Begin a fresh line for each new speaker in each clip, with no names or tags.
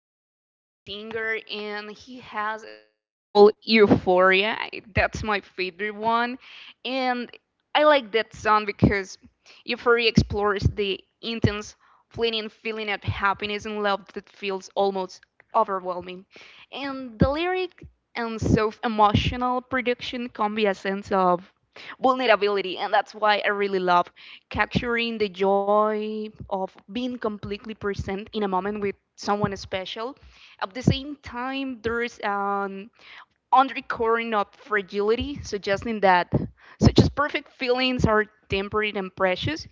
favorite singer, and he has a song called Euphoria. That's my favorite one. And I like that song because Euphoria explores the intense, fleeting feeling of happiness and love that feels almost overwhelming. And the lyric and self emotional production can be a sense of vulnerability, and that's why I really love capturing the joy of being completely present in a moment with someone special. At the same time, there's an undercurrent of fragility, suggesting that such as perfect feelings are temporary and precious.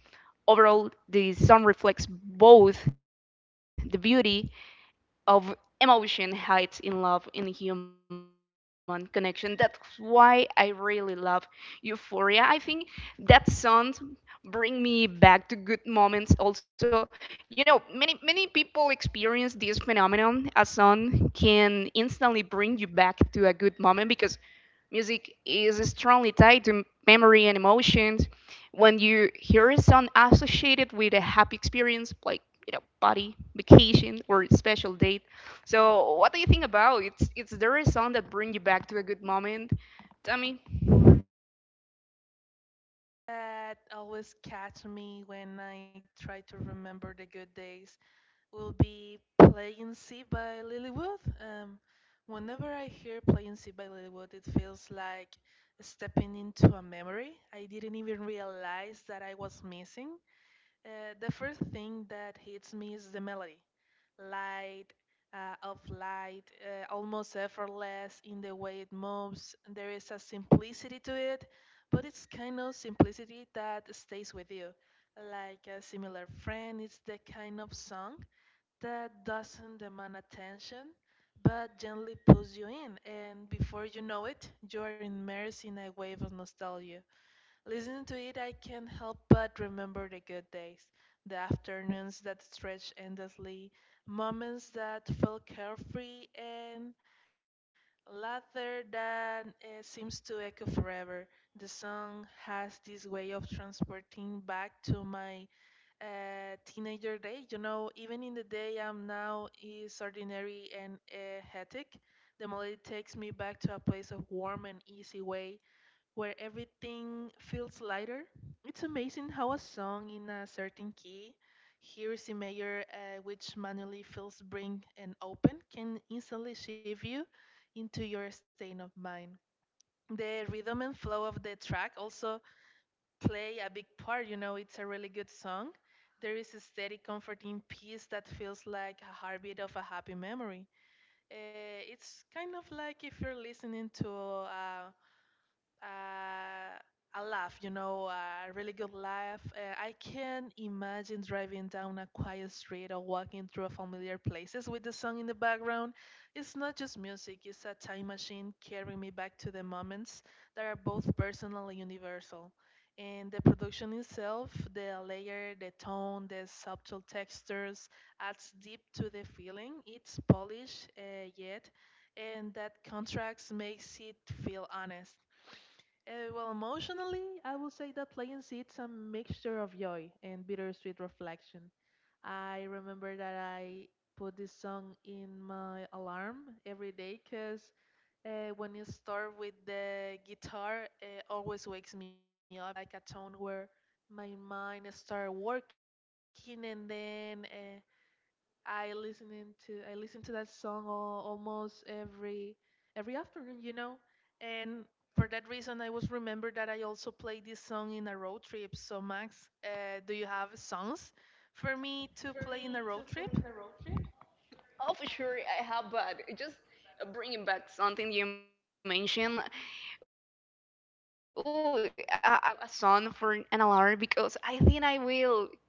Overall, the song reflects both the beauty of emotion hides in love in human connection. That's why I really love Euphoria. I think that song bring me back to good moments also, you know, many people experience this phenomenon. A song can instantly bring you back to a good moment because music is strongly tied to memory and emotions. When you hear a song associated with a happy experience, like, you know, party, vacation, or special date. So, what do you think about it? Is there a song that bring you back to a good moment, Tommy?
That always catch me when I try to remember the good days will be Playing Sea by Lilywood. Whenever I hear Playing Sea by Lilywood, it feels like stepping into a memory I didn't even realize that I was missing. The first thing that hits me is the melody. Light, of light, almost effortless in the way it moves. There is a simplicity to it, but it's kind of simplicity that stays with you. Like a similar friend, it's the kind of song that doesn't demand attention, but gently pulls you in, and before you know it, you are immersed in a wave of nostalgia. Listening to it, I can't help but remember the good days, the afternoons that stretched endlessly, moments that felt carefree, and laughter that seems to echo forever. The song has this way of transporting back to my teenager day. You know, even in the day I'm now is ordinary and hectic, the melody takes me back to a place of warm and easy way where everything feels lighter. It's amazing how a song in a certain key, here is a major which manually feels bring and open, can instantly shift you into your state of mind. The rhythm and flow of the track also play a big part. You know, it's a really good song. There is a steady, comforting peace that feels like a heartbeat of a happy memory. It's kind of like if you're listening to a uh, a laugh, you know, a really good laugh. I can imagine driving down a quiet street or walking through a familiar places with the song in the background. It's not just music, it's a time machine carrying me back to the moments that are both personal and universal. And the production itself, the layer, the tone, the subtle textures adds deep to the feeling. It's polished yet, and that contrast makes it feel honest well, emotionally, I would say that playing it's a mixture of joy and bittersweet reflection. I remember that I put this song in my alarm every day because when it starts with the guitar, it always wakes me up. It's like a tone where my mind starts working and then I listen to that song al almost every afternoon, you know. And for that reason, I was remembered that I also played this song in a road trip. So Max, do you have songs for me to play in a road trip?
Oh, for sure, I have, but just bringing back something you mentioned. I wouldn't put a, my, a song for an alarm because I think I will, you know,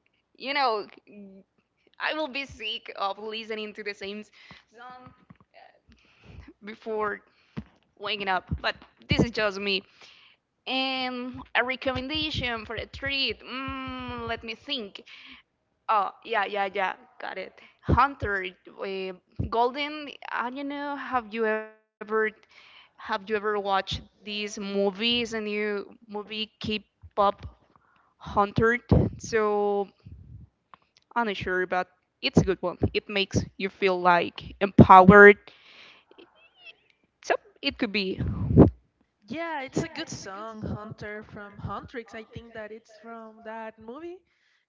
I will be sick of listening to the same song before waking up. But this is just me. And a recommendation for a treat. Let me think. Oh, yeah, yeah, yeah. Got it. Hunter, Golden. I don't know. Have you ever watched these movies? A new movie, K-pop Hunter. So unsure, but it's a good one. It makes you feel like empowered. So it could be.
Yeah, it's a good song, Hunter from Huntrix. I think that it's from that movie.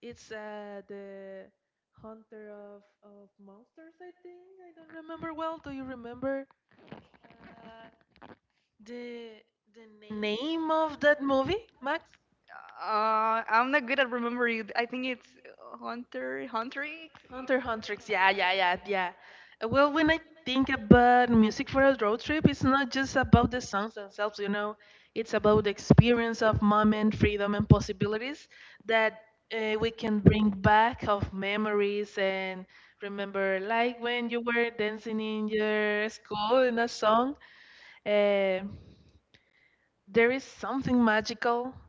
It's the Hunter of, Monsters, I think. I don't remember well. Do you remember? Uh, The the
Name
name of
of that
that movie?
movie, Max? I'm not good at remembering it. I think it's Hunter, Huntrix.
Hunter
Hunter.
Hunter.
X Yeah,
Yeah,
yeah,
yeah,
yeah,
yeah, yeah.
yeah. Well,
Well,
when
when
I
I
think
think
about
about music
music for
for
a
a
road
road
trip,
trip,
it's
it's not
not just
just
about
about
the
the
songs
songs
themselves,
themselves,
you
you
know.
know.
It's
It's
about
about
the
the
experience
experience of
of
the moment,
moment,
freedom,
freedom,
and
and
possibilities
possibilities that
that
we
we
can
can
bring
bring back
back
of
of memories
memories and
and
remember.
remember, like
Like
when
when
you
you
were
were
dancing
dancing in
in your
your
school
school in
in a
the song,
song. eh,
uh,
there
there
is
is something
something
magical
magical.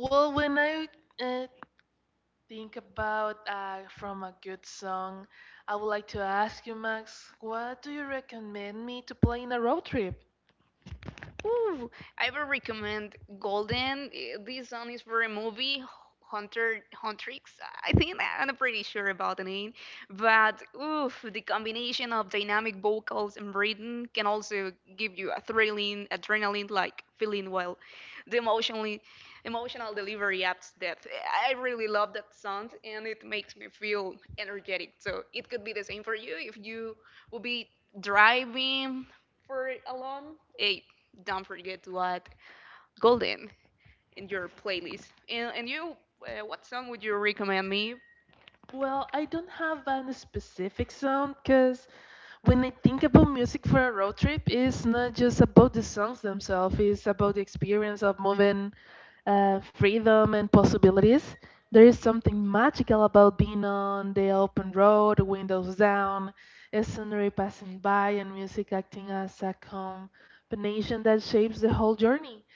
Well, when I uh, think about from a good song, I would like to ask you, Max, what do you recommend me to play in a road trip? Ooh, I would recommend Golden. This song is for a movie, Hunter Huntrix. I think I'm not pretty sure about the name, but oof, the combination of dynamic vocals and rhythm can also give you a thrilling, adrenaline-like feeling while the emotional delivery adds depth. I really love that song, and it makes me feel energetic. So it could be the same for you if you will be driving. Hey, don't forget to add Golden in your playlist. And you, what song would you recommend me? Well, I don't have a specific song because when I think about music for a road trip, it's not just about the songs themselves, it's about the experience of moving, freedom and possibilities. There is something magical about being on the open road, windows down, a scenery passing by, and music acting as a combination that shapes the whole journey.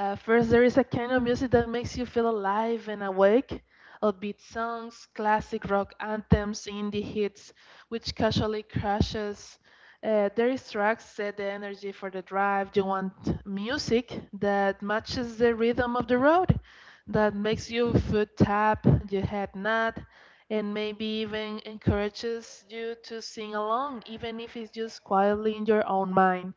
First, there is a kind of music that makes you feel alive and awake. Upbeat songs, classic rock anthems, indie hits, which casually crashes their tracks set the energy for the drive. You want music that matches the rhythm of the road, that makes you foot tap, your head nod, and maybe even encourages you to sing along, even if it's just quietly in your own mind.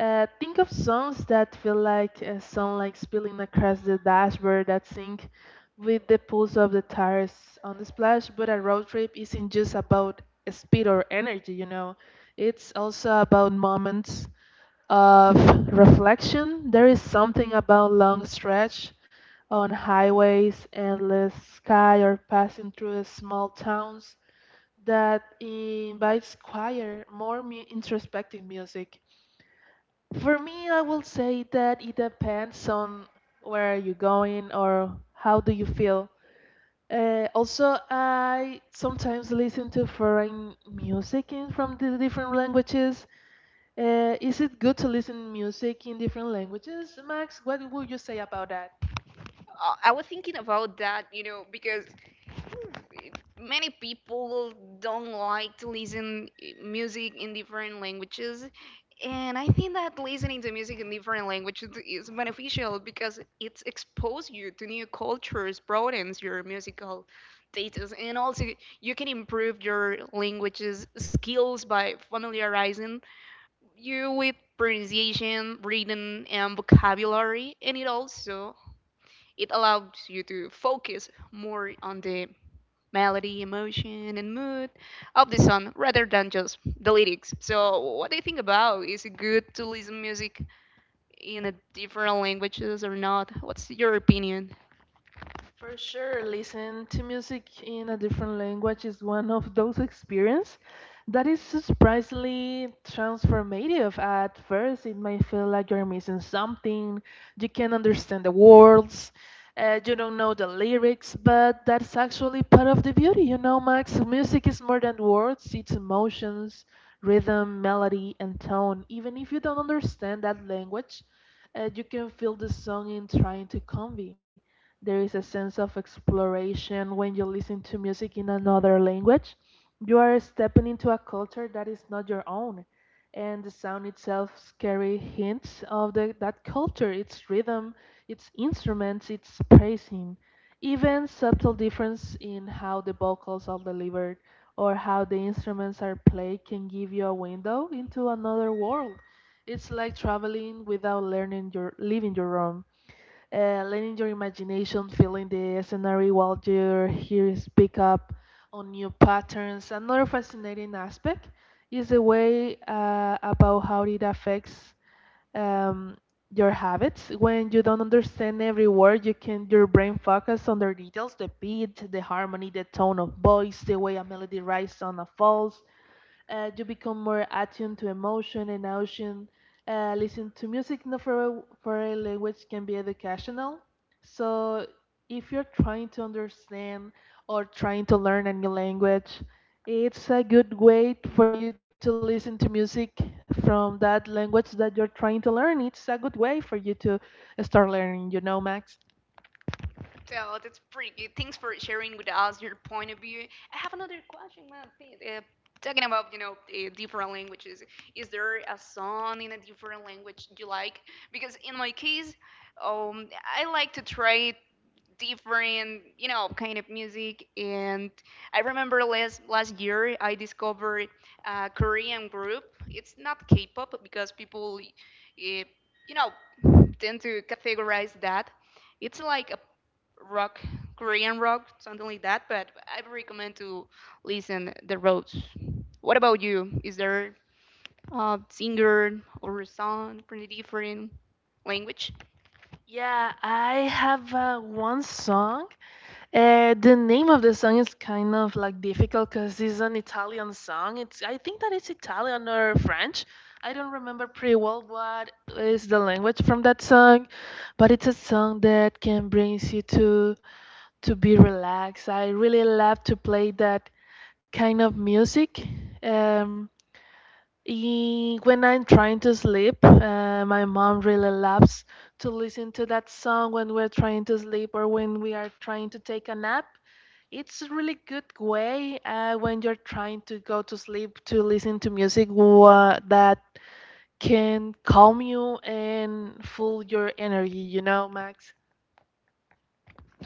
Think of songs that feel like a sound like spilling across the dashboard that sync with the pulse of the tires on the splash. But a road trip isn't just about speed or energy, you know. It's also about moments of reflection. There is something about long stretch on highways, endless sky, or passing through small towns that invites quieter, more introspective music. For me, I will say that it depends on where you're going or how do you feel. Also, I sometimes listen to foreign music in, from the different languages. Is it good to listen music in different languages, Max? What would you say about that? I was thinking about that, you know, because many people don't like to listen music in different languages, and I think that listening to music in different languages is beneficial because it exposes you to new cultures, broadens your musical data, and also you can improve your languages skills by familiarizing you with pronunciation, reading, and vocabulary, and it also it allows you to focus more on the melody, emotion, and mood of the song rather than just the lyrics. So, what do you think about? Is it good to listen music in a different languages or not? What's your opinion? For sure, listen to music in a different language is one of those experiences that is surprisingly transformative. At first, it might feel like you're missing something, you can't understand the words, you don't know the lyrics, but that's actually part of the beauty, you know, Max. Music is more than words, it's emotions, rhythm, melody, and tone. Even if you don't understand that language, you can feel the song in trying to convey. There is a sense of exploration when you listen to music in another language. You are stepping into a culture that is not your own, and the sound itself carry hints of the, that culture, its rhythm, its instruments, its phrasing. Even subtle difference in how the vocals are delivered or how the instruments are played can give you a window into another world. It's like traveling without learning your leaving your own, letting your imagination fill in the scenario while your hearers pick up on new patterns. Another fascinating aspect is the way about how it affects um, your habits. When you don't understand every word, you can your brain focus on the details, the beat, the harmony, the tone of voice, the way a melody rises and falls, you become more attuned to emotion and ocean. Listen to music not for a, for a language can be educational. So if you're trying to understand or trying to learn a new language, it's a good way for you to listen to music from that language that you're trying to learn. It's a good way for you to start learning, you know, Max. So that's pretty good. Thanks for sharing with us your point of view. I have another question, man. Uh, Talking about, you know, different languages, is there a song in a different language you like? Because in my case, um, I like to try different, you know, kind of music, and I remember last year I discovered a Korean group. It's not K-pop because people, you know, tend to categorize that it's like rock, Korean rock, something like that. But I recommend to listen the Roots. What about you? Is there a singer or a song from a different language? Yeah, I have one song. The name of the song is kind of like difficult because it's an Italian song. It's I think that it's Italian or French. I don't remember pretty well what is the language from that song, but it's a song that can brings you to be relaxed. I really love to play that kind of music. Um, when I'm trying to sleep, my mom really loves to listen to that song when we're trying to sleep or when we are trying to take a nap. It's a really good way when you're trying to go to sleep to listen to music that can calm you and full your energy, you know, Max?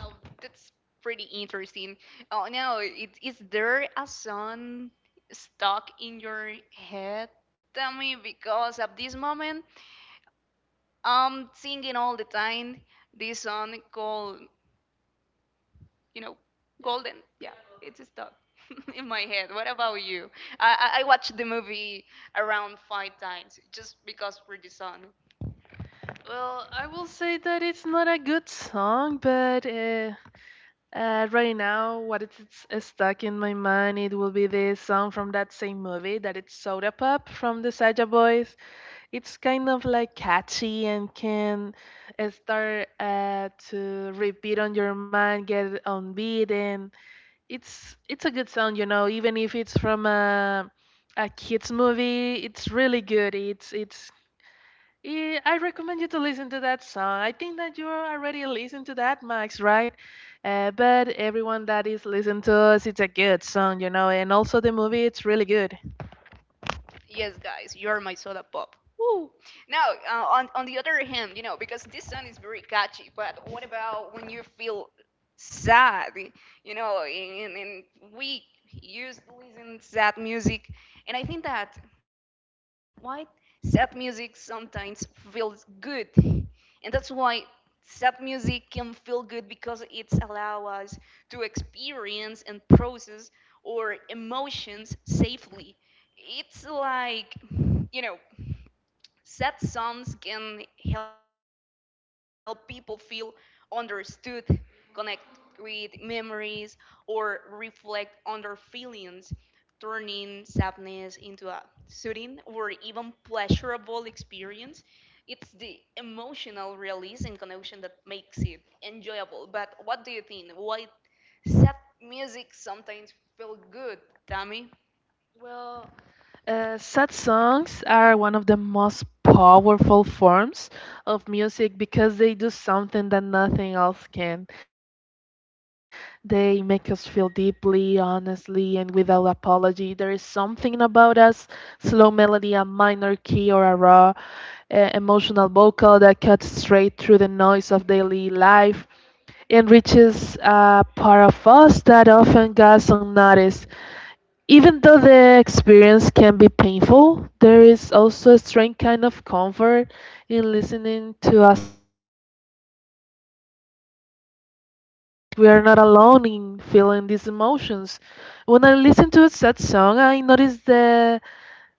Oh, that's pretty interesting. Oh no, is there a song stuck in your head, Tommy? Because at this moment, I'm singing all the time this song called, you know, Golden. Yeah, it's stuck in my head. What about you? I watched the movie around 5 times just because for the song. Well, I will say that it's not a good song, but right now, what is it's stuck in my mind, it will be this song from that same movie that it's Soda Pop from the Saja Boys. It's kind of like catchy and can start to repeat on your mind, get it on beat, and it's a good song, you know. Even if it's from a kids movie, it's really good. I recommend you to listen to that song. I think that you're already listening to that, Max, right? But everyone that is listening to us, it's a good song, and also the movie, it's really good. Yes, guys, you're my soda pop. Woo. Now, on the other hand, because this song is very catchy, but what about when you feel sad? And we used to listen sad music, and I think that why sad music sometimes feels good, and that's why sad music can feel good because it's allow us to experience and process our emotions safely. It's like, you know, sad songs can help people feel understood, connect with memories, or reflect on their feelings, turning sadness into a soothing or even pleasurable experience. It's the emotional release and connection that makes it enjoyable. But what do you think? Why sad music sometimes feel good, Tammy? Well, sad songs are one of the most powerful forms of music because they do something that nothing else can. They make us feel deeply, honestly, and without apology. There is something about us, slow melody, a minor key, or a raw emotional vocal that cuts straight through the noise of daily life and reaches a part of us that often goes unnoticed. Even though the experience can be painful, there is also a strange kind of comfort in listening to a song that expresses sadness. It reminds us that we are not alone in feeling these emotions. When I listen to a sad song, I notice the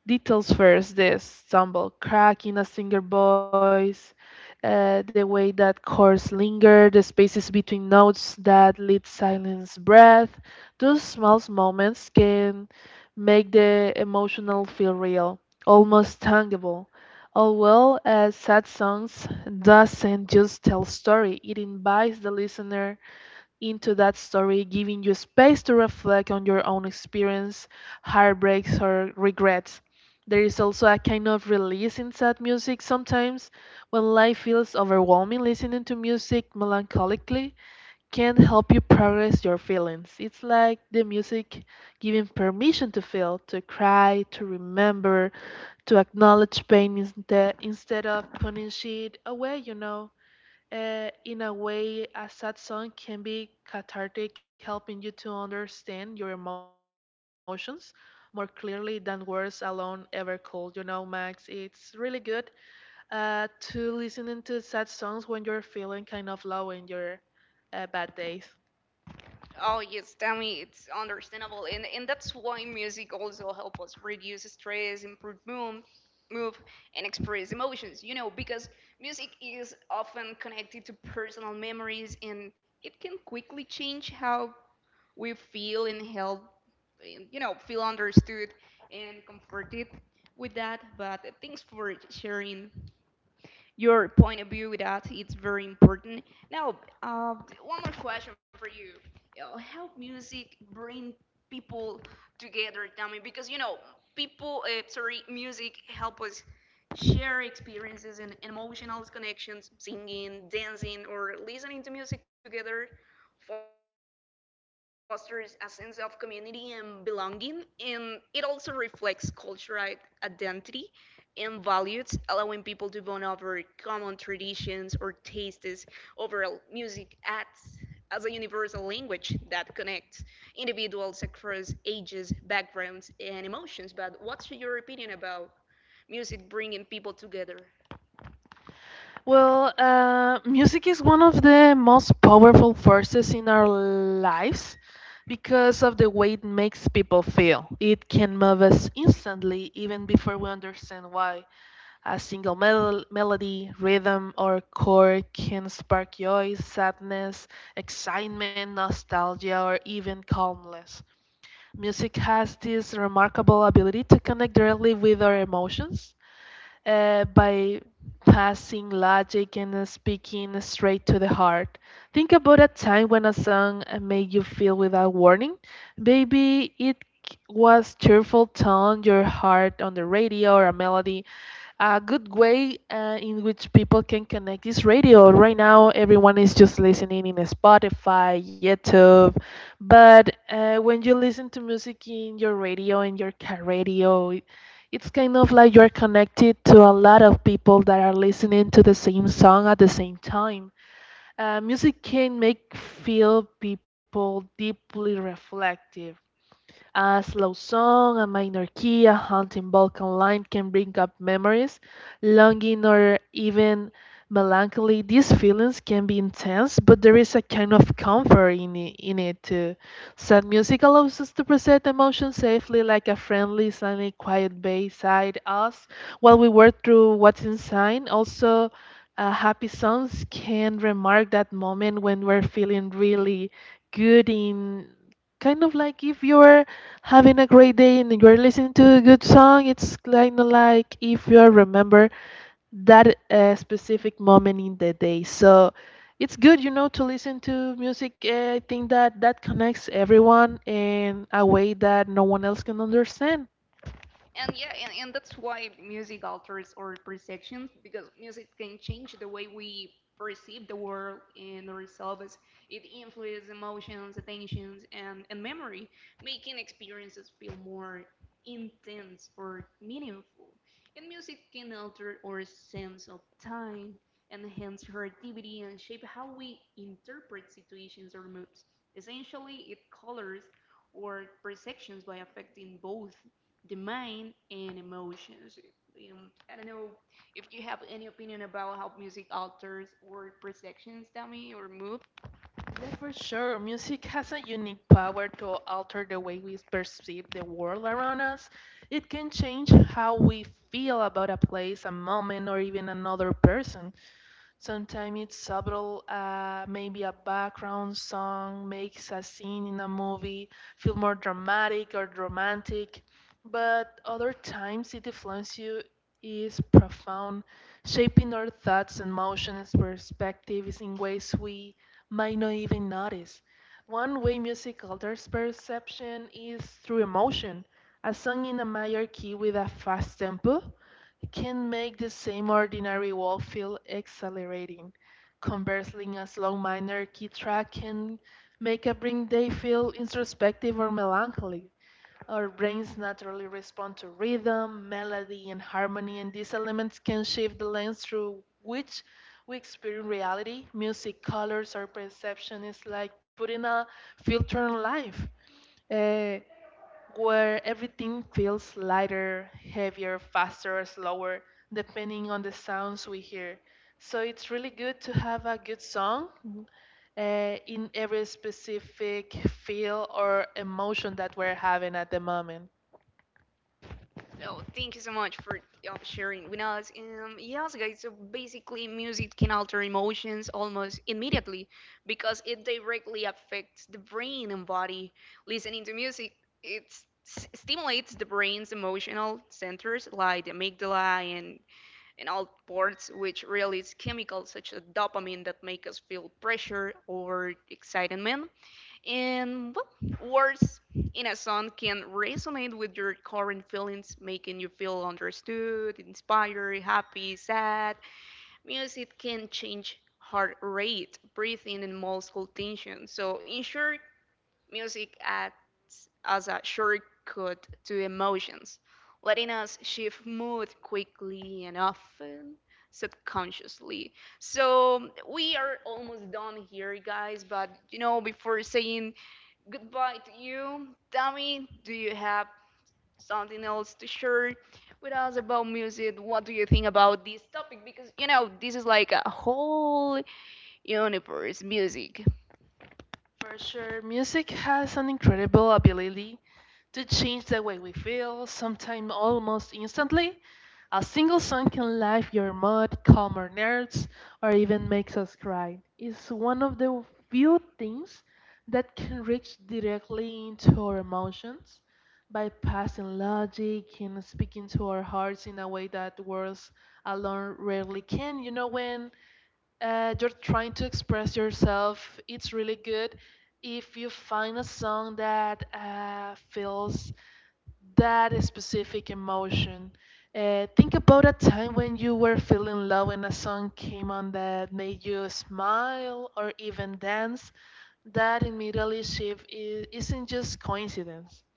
details first: the stumble crack in a singer voice, the way that chords linger, the spaces between notes that lead silence breath. Those small moments can make the emotional feel real, almost tangible. All well as sad songs doesn't just tell story, it invites the listener into that story, giving you space to reflect on your own experience, heartbreaks, or regrets. There is also a kind of release in sad music sometimes. When life feels overwhelming, listening to music melancholically can help you progress your feelings. It's like the music giving permission to feel, to cry, to remember, to acknowledge pain instead of punishing it away. In a way, a sad song can be cathartic, helping you to understand your emotions more clearly than words alone ever could. Max, it's really good to listening to sad songs when you're feeling kind of low in your bad days. Oh yes, tell me it's understandable, and that's why music also helps us reduce stress, improve mood, move, and express emotions. Because music is often connected to personal memories, and it can quickly change how we feel and help, and, feel understood and comforted with that. But thanks for sharing your point of view with that. It's very important. Now, uh, one more question for you. How music bring people together, Tommy? Because music help us share experiences and emotional connections. Singing, dancing, or listening to music together fosters a sense of community and belonging, and it also reflects cultural identity and values, allowing people to bond over common traditions or tastes. Overall, music acts as a universal language that connects individuals across ages, backgrounds, and emotions. But what's your opinion about music bringing people together? Well, music is one of the most powerful forces in our lives because of the way it makes people feel. It can move us instantly, even before we understand why. A single melody, rhythm, or chord can spark joy, sadness, excitement, nostalgia, or even calmness. Music has this remarkable ability to connect directly with our emotions by passing logic and speaking straight to the heart. Think about a time when a song made you feel without warning. Maybe it was cheerful tone, your heart on the radio, or a melody. A good way in which people can connect is radio. Right now, everyone is just listening in Spotify, YouTube, but when you listen to music in your radio, in your car radio, it's kind of like you're connected to a lot of people that are listening to the same song at the same time. Music can make feel people deeply reflective. A slow song, a minor key, a haunting Balkan line can bring up memories, longing, or even melancholy. These feelings can be intense, but there is a kind of comfort in it too. Sad music allows us to present emotion safely, like a friendly, silent, quiet beside us while we work through what's inside. Also, happy songs can remark that moment when we're feeling really good, in kind of like if you're having a great day and you're listening to a good song. It's kind of like if you remember that specific moment in the day, so it's good, to listen to music. I think that that connects everyone in a way that no one else can understand. And yeah, and that's why music alters our perceptions, because music can change the way we perceive the world and ourselves. It influences emotions, attentions, and memory, making experiences feel more intense or meaningful. And music can alter our sense of time, enhance creativity, and shape how we interpret situations or moods. Essentially, it colors our perceptions by affecting both the mind and emotions. I don't know if you have any opinion about how music alters or perceptions, Dami, or mood. Yeah, for sure. Music has a unique power to alter the way we perceive the world around us. It can change how we feel about a place, a moment, or even another person. Sometimes it's subtle, maybe a background song makes a scene in a movie feel more dramatic or romantic, but other times it influence you is profound, shaping our thoughts and emotions, perspectives in ways we might not even notice. One way music alters perception is through emotion. A song in a major key with a fast tempo can make the same ordinary wall feel exhilarating. Conversely, a slow minor key track can make a brain day feel introspective or melancholy. Our brains naturally respond to rhythm, melody, and harmony, and these elements can shift the lens through which we experience reality. Music, colors, our perception is like putting a filter on life. Uh, where everything feels lighter, heavier, faster, or slower, depending on the sounds we hear. So it's really good to have a good song in every specific feel or emotion that we're having at the moment. Oh, thank you so much for sharing with us. Yes, guys. So basically, music can alter emotions almost immediately because it directly affects the brain and body. Listening to music, it stimulates the brain's emotional centers like the amygdala and all parts, which release chemicals such as dopamine that make us feel pressure or excitement. And well, words in a song can resonate with your current feelings, making you feel understood, inspired, happy, sad. Music can change heart rate, breathing, and muscle tension. So, in short, music acts as a shortcut to emotions, letting us shift mood quickly and often subconsciously. So we are almost done here, guys. But before saying goodbye to you, Tommy, do you have something else to share with us about music? What do you think about this topic? Because, this is like a whole universe music. For sure, music has an incredible ability to change the way we feel, sometimes almost instantly. A single song can lift your mood, calm our nerves, or even makes us cry. It's one of the few things that can reach directly into our emotions, bypassing logic and speaking to our hearts in a way that words alone rarely can. When you're trying to express yourself, it's really good if you find a song that feels that specific emotion. Think about a time when you were feeling low and a song came on that made you smile or even dance. That immediately shift isn't just coincidence.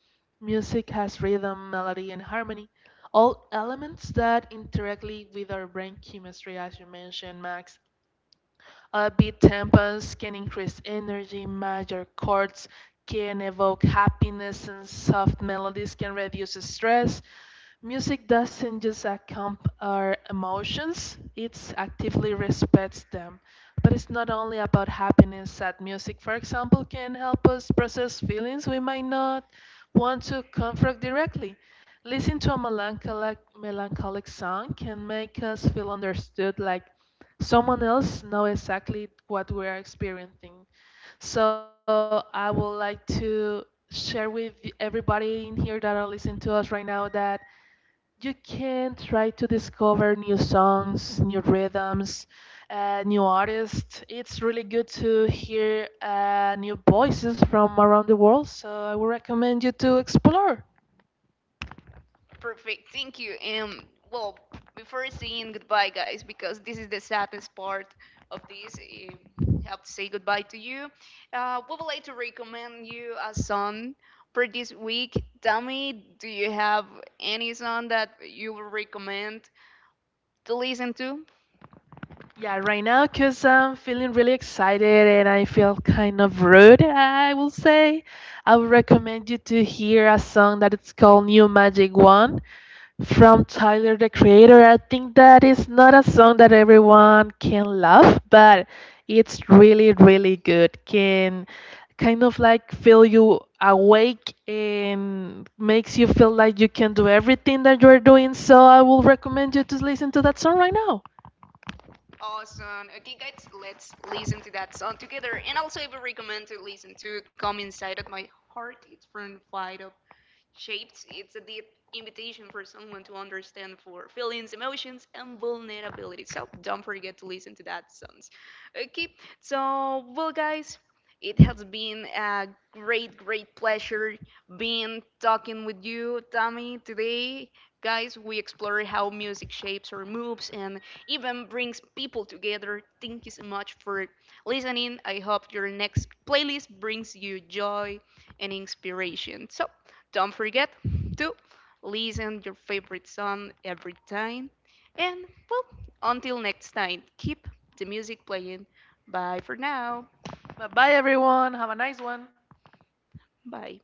Music has rhythm, melody, and harmony, all elements that interactly with our brain chemistry, as you mentioned, Max. Beat tempos can increase energy, major chords can evoke happiness, and soft melodies can reduce stress. Music doesn't just accompany our emotions, it actively respects them. But it's not only about happiness, sad music, for example, can help us process feelings we might not want to confront directly. Listening to a melancholic song can make us feel understood, like someone else knows exactly what we are experiencing. So I would like to share with everybody in here that are listening to us right now that you can try to discover new songs, new rhythms, new artists. It's really good to hear new voices from around the world, so I would recommend you to explore. Perfect, thank you. Well, before saying goodbye, guys, because this is the saddest part of this, I have to say goodbye to you. We would like to recommend you a song for this week. Tell me, do you have any song that you would recommend to listen to? Yeah, right now, because I'm feeling really excited and I feel kind of rude, I will say. I would recommend you to hear a song that it's called New Magic One from Tyler the Creator. I think that is not a song that everyone can love, but it's really, really good. Can kind of like feel you awake and makes you feel like you can do everything that you're doing. So I will recommend you to listen to that song right now. Awesome. Okay, guys, let's listen to that song together. And also, I would recommend to listen to "Come Inside of My Heart." It's from Flight of Shaped, it's a deep invitation for someone to understand for feelings, emotions, and vulnerability. So don't forget to listen to that songs. Okay, so well, guys, it has been a great, great pleasure being talking with you, Tommy, today. Guys, we explore how music shapes our moves and even brings people together. Thank you so much for listening. I hope your next playlist brings you joy and inspiration. So, don't forget to listen your favorite song every time. And well, until next time, keep the music playing. Bye for now. Bye bye, everyone. Have a nice one. Bye.